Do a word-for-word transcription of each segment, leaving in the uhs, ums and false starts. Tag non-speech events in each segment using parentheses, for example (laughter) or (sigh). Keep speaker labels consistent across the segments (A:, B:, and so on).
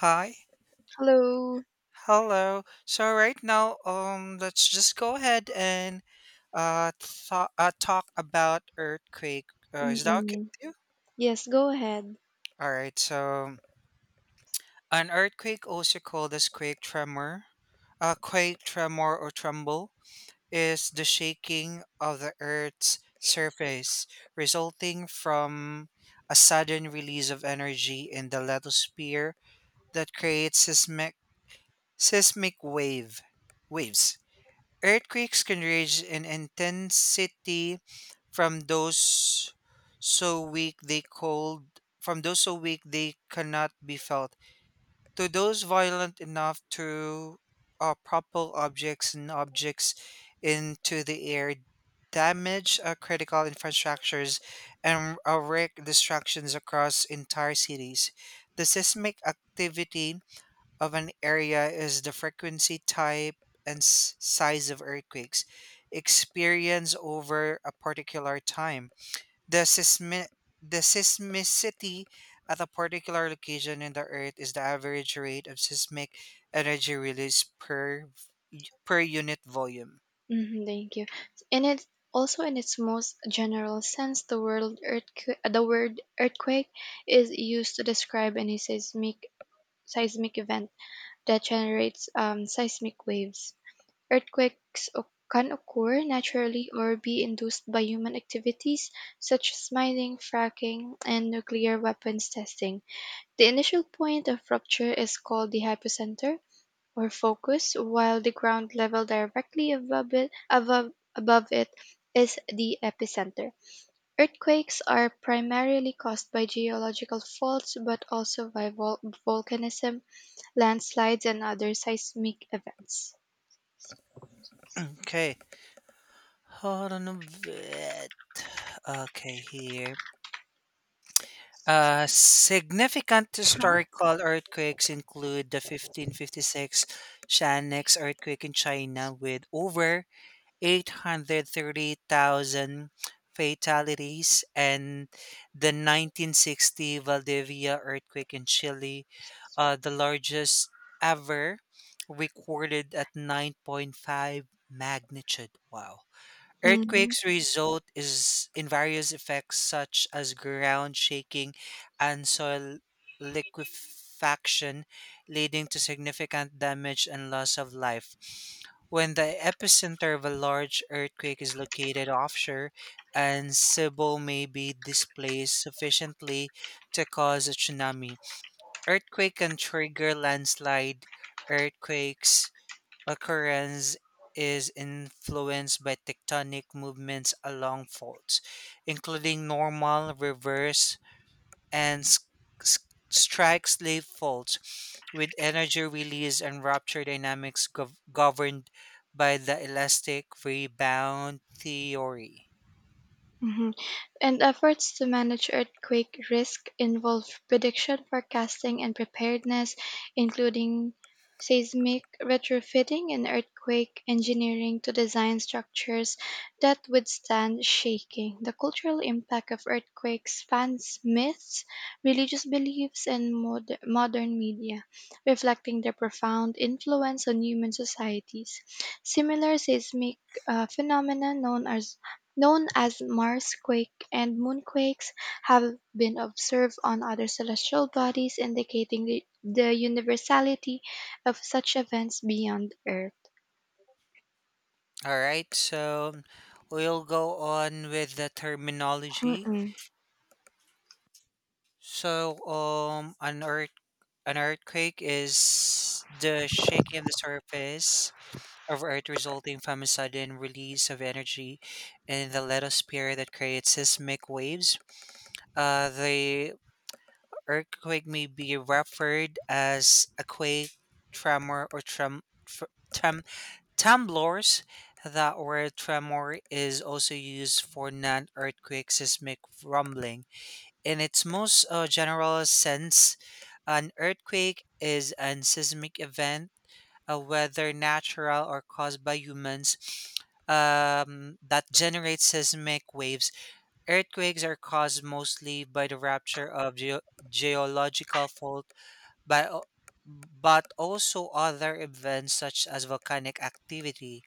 A: Hi.
B: Hello.
A: Hello. So right now, um, let's just go ahead and uh, th- uh talk about earthquake. Uh, is that okay
B: Mm-mm.
A: with you?
B: Yes, go ahead.
A: All right. So an earthquake, also called as quake tremor, uh, quake tremor or tremble, is the shaking of the earth's surface resulting from a sudden release of energy in the lithosphere that creates seismic seismic wave waves. Earthquakes can range in intensity from those so weak they cold from those so weak they cannot be felt to those violent enough to uh, propel objects and objects into the air, damage uh, critical infrastructures, and uh, wreak destructions across entire cities. The seismic activity of an area is the frequency, type, and s- size of earthquakes experienced over a particular time. The, seismi- the seismicity at a particular location in the Earth is the average rate of seismic energy release per v- per unit volume.
B: Hmm thank you. And it also, in its most general sense, the word earthquake, the word earthquake is used to describe any seismic seismic event that generates um, seismic waves. Earthquakes o- can occur naturally or be induced by human activities such as mining, fracking, and nuclear weapons testing. The initial point of rupture is called the hypocenter or focus, while the ground level directly above it, above, above it is the epicenter. Earthquakes are primarily caused by geological faults, but also by vol- volcanism, landslides, and other seismic events.
A: Okay, hold on a bit. Okay, here. Uh, significant historical earthquakes include the fifteen fifty-six Shanix earthquake in China with over eight hundred thirty thousand fatalities and the nineteen sixty Valdivia earthquake in Chile, uh, the largest ever recorded at nine point five magnitude. Wow. Earthquakes result is in various effects such as ground shaking and soil liquefaction, leading to significant damage and loss of life. When the epicenter of a large earthquake is located offshore, and Cebu may be displaced sufficiently to cause a tsunami. Earthquake can trigger landslide, earthquakes, occurrence is influenced by tectonic movements along faults, including normal, reverse, and s- s- strike slip faults, with energy release and rupture dynamics gov- governed by the elastic rebound theory.
B: Mhm. And efforts to manage earthquake risk involve prediction, forecasting, and preparedness, including seismic retrofitting and earthquake engineering to design structures that withstand shaking. The cultural impact of earthquakes spans myths, religious beliefs, and mod- modern media, reflecting their profound influence on human societies. Similar seismic uh, phenomena known as known as Marsquake and moonquakes have been observed on other celestial bodies, indicating the, the universality of such events beyond Earth.
A: All right, so we'll go on with the terminology.
B: Mm-mm.
A: So, um, an earth an earthquake is the shaking of the surface of Earth resulting from a sudden release of energy in the lithosphere that creates seismic waves. Uh, the earthquake may be referred as a quake, tremor, or trem, tr- trem tremblors. That word tremor is also used for non-earthquake seismic rumbling. In its most uh, general sense, an earthquake is an seismic event, uh, whether natural or caused by humans, um, that generates seismic waves. Earthquakes are caused mostly by the rupture of geo- geological fault, by o- but also other events such as volcanic activity,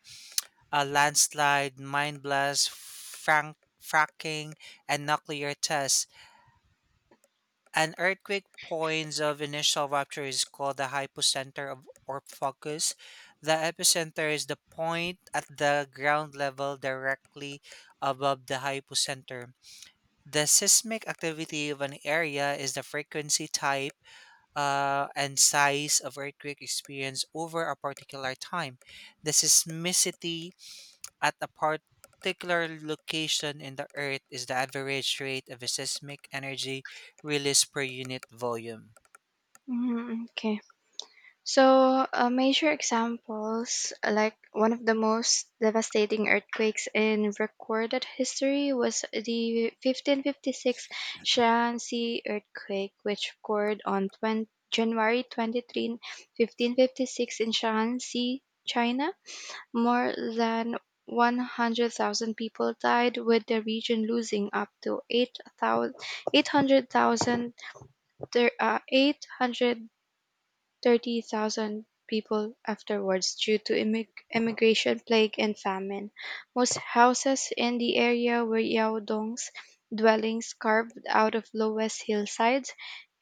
A: a landslide, mine blast, frank- fracking, and nuclear tests. An earthquake point of initial rupture is called the hypocenter of, or focus. The epicenter is the point at the ground level directly above the hypocenter. The seismic activity of an area is the frequency type uh, and size of earthquake experience over a particular time. The seismicity at a particular location in the Earth is the average rate of seismic energy released per unit volume.
B: Mm-mm. Okay. So, uh, major examples, uh, like one of the most devastating earthquakes in recorded history, was the fifteen fifty-six Shaanxi earthquake, which occurred on twenty January twenty-third, fifteen fifty-six in Shaanxi, China. More than one hundred thousand people died, with the region losing up to eight thousand eight hundred thousand ter- uh, thirty thousand people afterwards due to immig- immigration, plague, and famine. Most houses in the area were Yao Dong's dwellings carved out of lowest hillsides,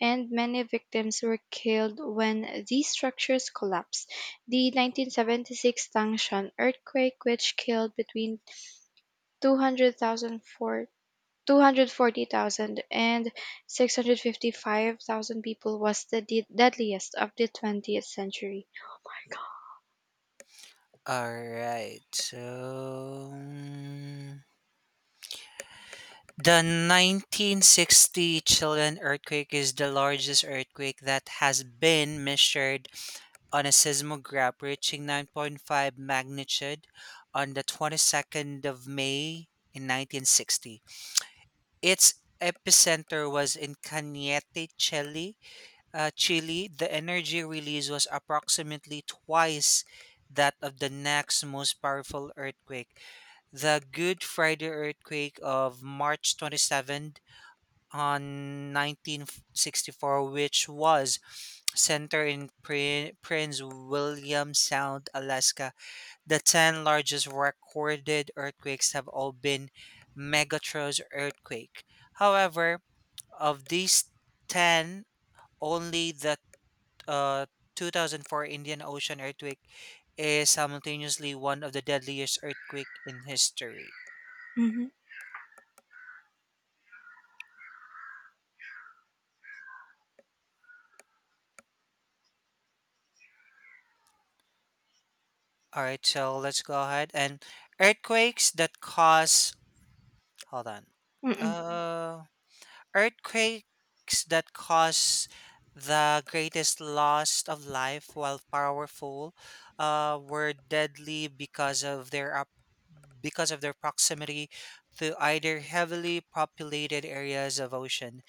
B: and many victims were killed when these structures collapsed. The nineteen seventy-six Tangshan earthquake, which killed between two hundred thousand for Two hundred forty thousand and six hundred fifty-five thousand people was the de- deadliest of the twentieth century.
A: All right. So mm, the nineteen sixty Chilean earthquake is the largest earthquake that has been measured on a seismograph reaching nine point five magnitude on the twenty-second of May in nineteen sixty. Its epicenter was in Cañete, Chile. Uh, Chile. The energy release was approximately twice that of the next most powerful earthquake, the Good Friday earthquake of March twenty-seventh on nineteen sixty-four, which was center in Pri- Prince William Sound, Alaska. The ten largest recorded earthquakes have all been Megatron's earthquake. However, of these ten, only the uh, two thousand four Indian Ocean earthquake is simultaneously one of the deadliest earthquake in history.
B: Hmm
A: All right, so let's go ahead and earthquakes that cause hold on.
B: Mm-mm.
A: Mm-hmm. Uh, earthquakes that cause the greatest loss of life, while powerful, uh, were deadly because of their up, because of their proximity to either heavily populated areas of ocean,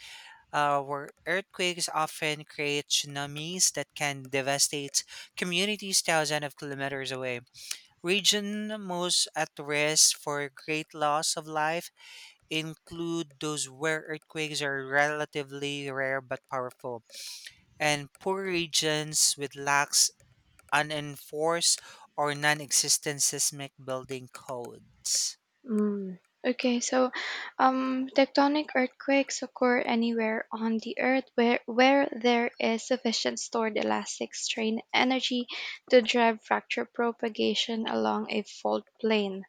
A: uh, where earthquakes often create tsunamis that can devastate communities thousands of kilometers away. Region most at risk for great loss of life include those where earthquakes are relatively rare but powerful, and poor regions with lax, unenforced, or non existent seismic building codes.
B: Okay, so um, tectonic earthquakes occur anywhere on the earth where, where there is sufficient stored elastic strain energy to drive fracture propagation along a fault plane.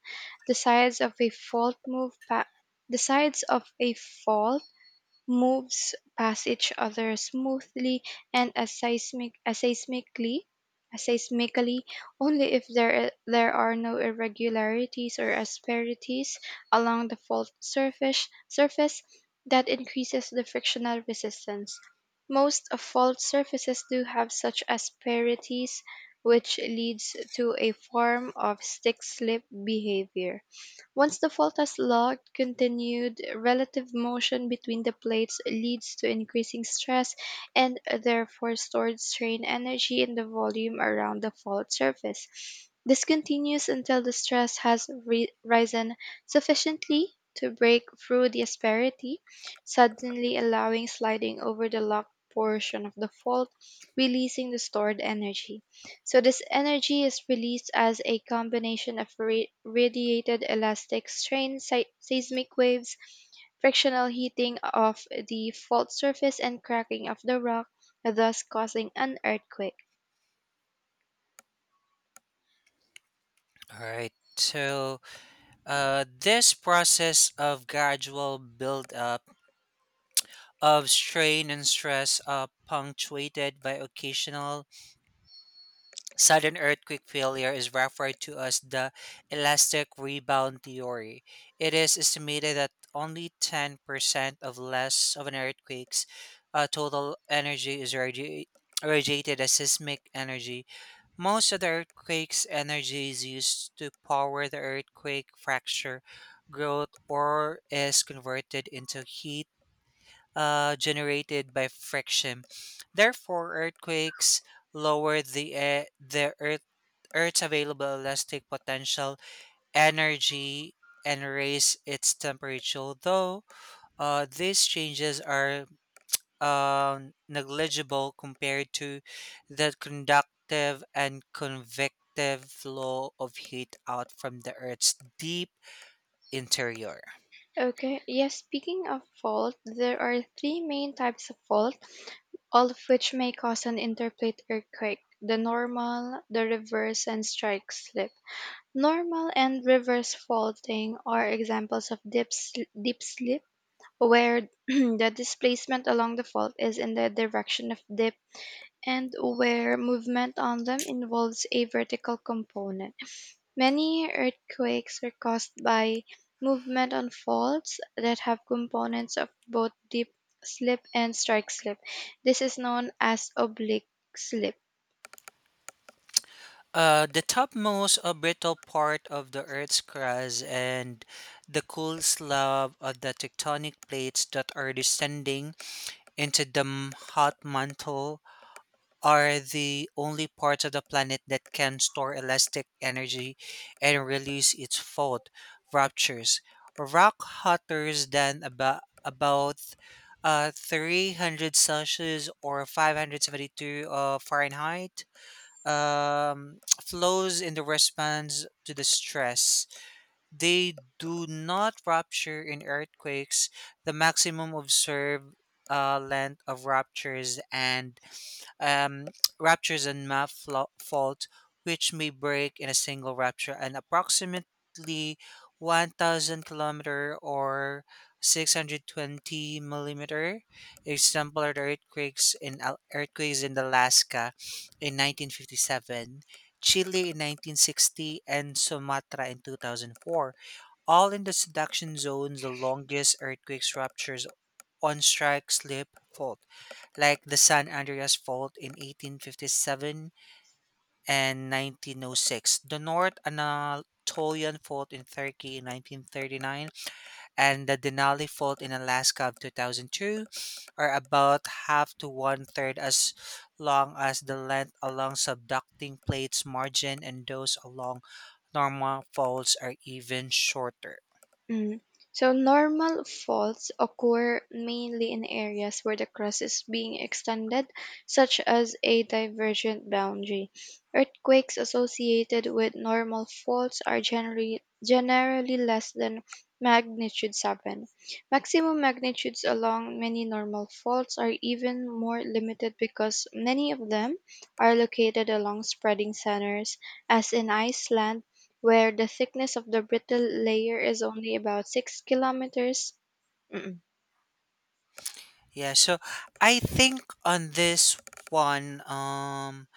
B: The sides of a fault move pa- the sides of a fault moves past each other smoothly and as seismic, as seismically, as seismically only if there, there are no irregularities or asperities along the fault surface, surface that increases the frictional resistance. Most of fault surfaces do have such asperities, which leads to a form of stick slip behavior. Once the fault is logged, continued relative motion between the plates leads to increasing stress and therefore stored strain energy in the volume around the fault surface. This continues until the stress has ri- risen sufficiently to break through the asperity, suddenly allowing sliding over the locked portion of the fault, releasing the stored energy. So this energy is released as a combination of ra- radiated elastic strain, se- seismic waves, frictional heating of the fault surface, and cracking of the rock, thus causing an earthquake.
A: All right. So, uh, this process of gradual build up of strain and stress, uh, punctuated by occasional sudden earthquake failure is referred to as the elastic rebound theory. It is estimated that only ten percent of less of an earthquake's uh, total energy is irradi- irradiated as seismic energy. Most of the earthquake's energy is used to power the earthquake fracture growth or is converted into heat uh, generated by friction. Therefore, earthquakes lower the uh, the earth Earth's available elastic potential energy and raise its temperature, though uh, these changes are um, negligible compared to the conductive and convective flow of heat out from the Earth's deep interior.
B: Okay, yes, speaking of fault, there are three main types of fault, all of which may cause an interplate earthquake the normal, the reverse, and strike slip. Normal and reverse faulting are examples of deep, sl- deep slip where (clears throat) the displacement along the fault is in the direction of dip and where movement on them involves a vertical component. Many earthquakes are caused by movement on faults that have components of both dip slip and strike slip. This is known as oblique slip.
A: Uh, the topmost uh, brittle part of the Earth's crust and the cool slab of the tectonic plates that are descending into the m- hot mantle are the only parts of the planet that can store elastic energy and release its fault ruptures. Rock hotter than about about uh, three hundred Celsius or five hundred seventy-two uh, Fahrenheit um, (tsk) flows in the response to the stress. They do not rupture in earthquakes. The maximum observed uh, length of ruptures and um, ruptures and map flo- fault, which may break in a single rupture, and approximately one thousand kilometer or six hundred twenty millimeter. Example are the earthquakes in Al- earthquakes in Alaska in nineteen fifty-seven, Chile in nineteen sixty, and Sumatra in two thousand four. All in the subduction zones, the longest earthquakes ruptures on strike slip fault, like the San Andreas Fault in eighteen fifty-seven and nineteen oh six, the North Anatolian Fault in Turkey in nineteen thirty-nine, and the Denali Fault in Alaska of two thousand two are about half to one third as long as the length along subducting plates margin, and those along normal faults are even shorter.
B: Mm. So normal faults occur mainly in areas where the crust is being extended, such as a divergent boundary. Earthquakes associated with normal faults are generally generally less than magnitude seven. Maximum magnitudes along many normal faults are even more limited because many of them are located along spreading centers as in Iceland where the thickness of the brittle layer is only about six kilometers. Mm-mm.
A: Yeah, so I think on this one, um,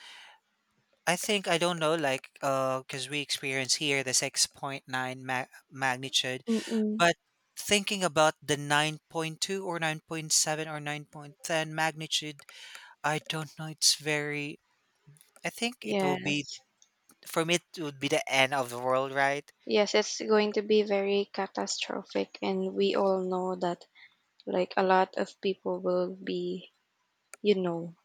A: I think I don't know, like, uh, because we experience here the six point nine ma- magnitude,
B: Mm-mm.
A: but thinking about the nine point two or nine point seven or nine point ten magnitude, I don't know. It's very, I think it will be,
B: Yes.
A: for me, it would be the end of the world, right?
B: Yes, it's going to be very catastrophic, and we all know that, like, a lot of people will be, you know.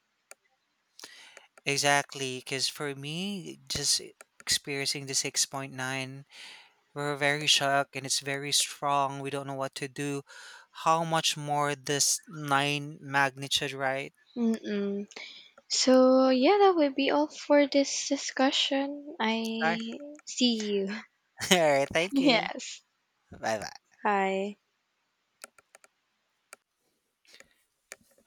A: Exactly, because for me, just experiencing the six point nine, we're very shocked and it's very strong. We don't know what to do. How much more this nine magnitude, right?
B: Mm-mm. So, yeah, that will be all for this discussion. I see you.
A: (laughs) All right,
B: (laughs)
A: thank you.
B: Yes.
A: Bye bye.
B: Hi.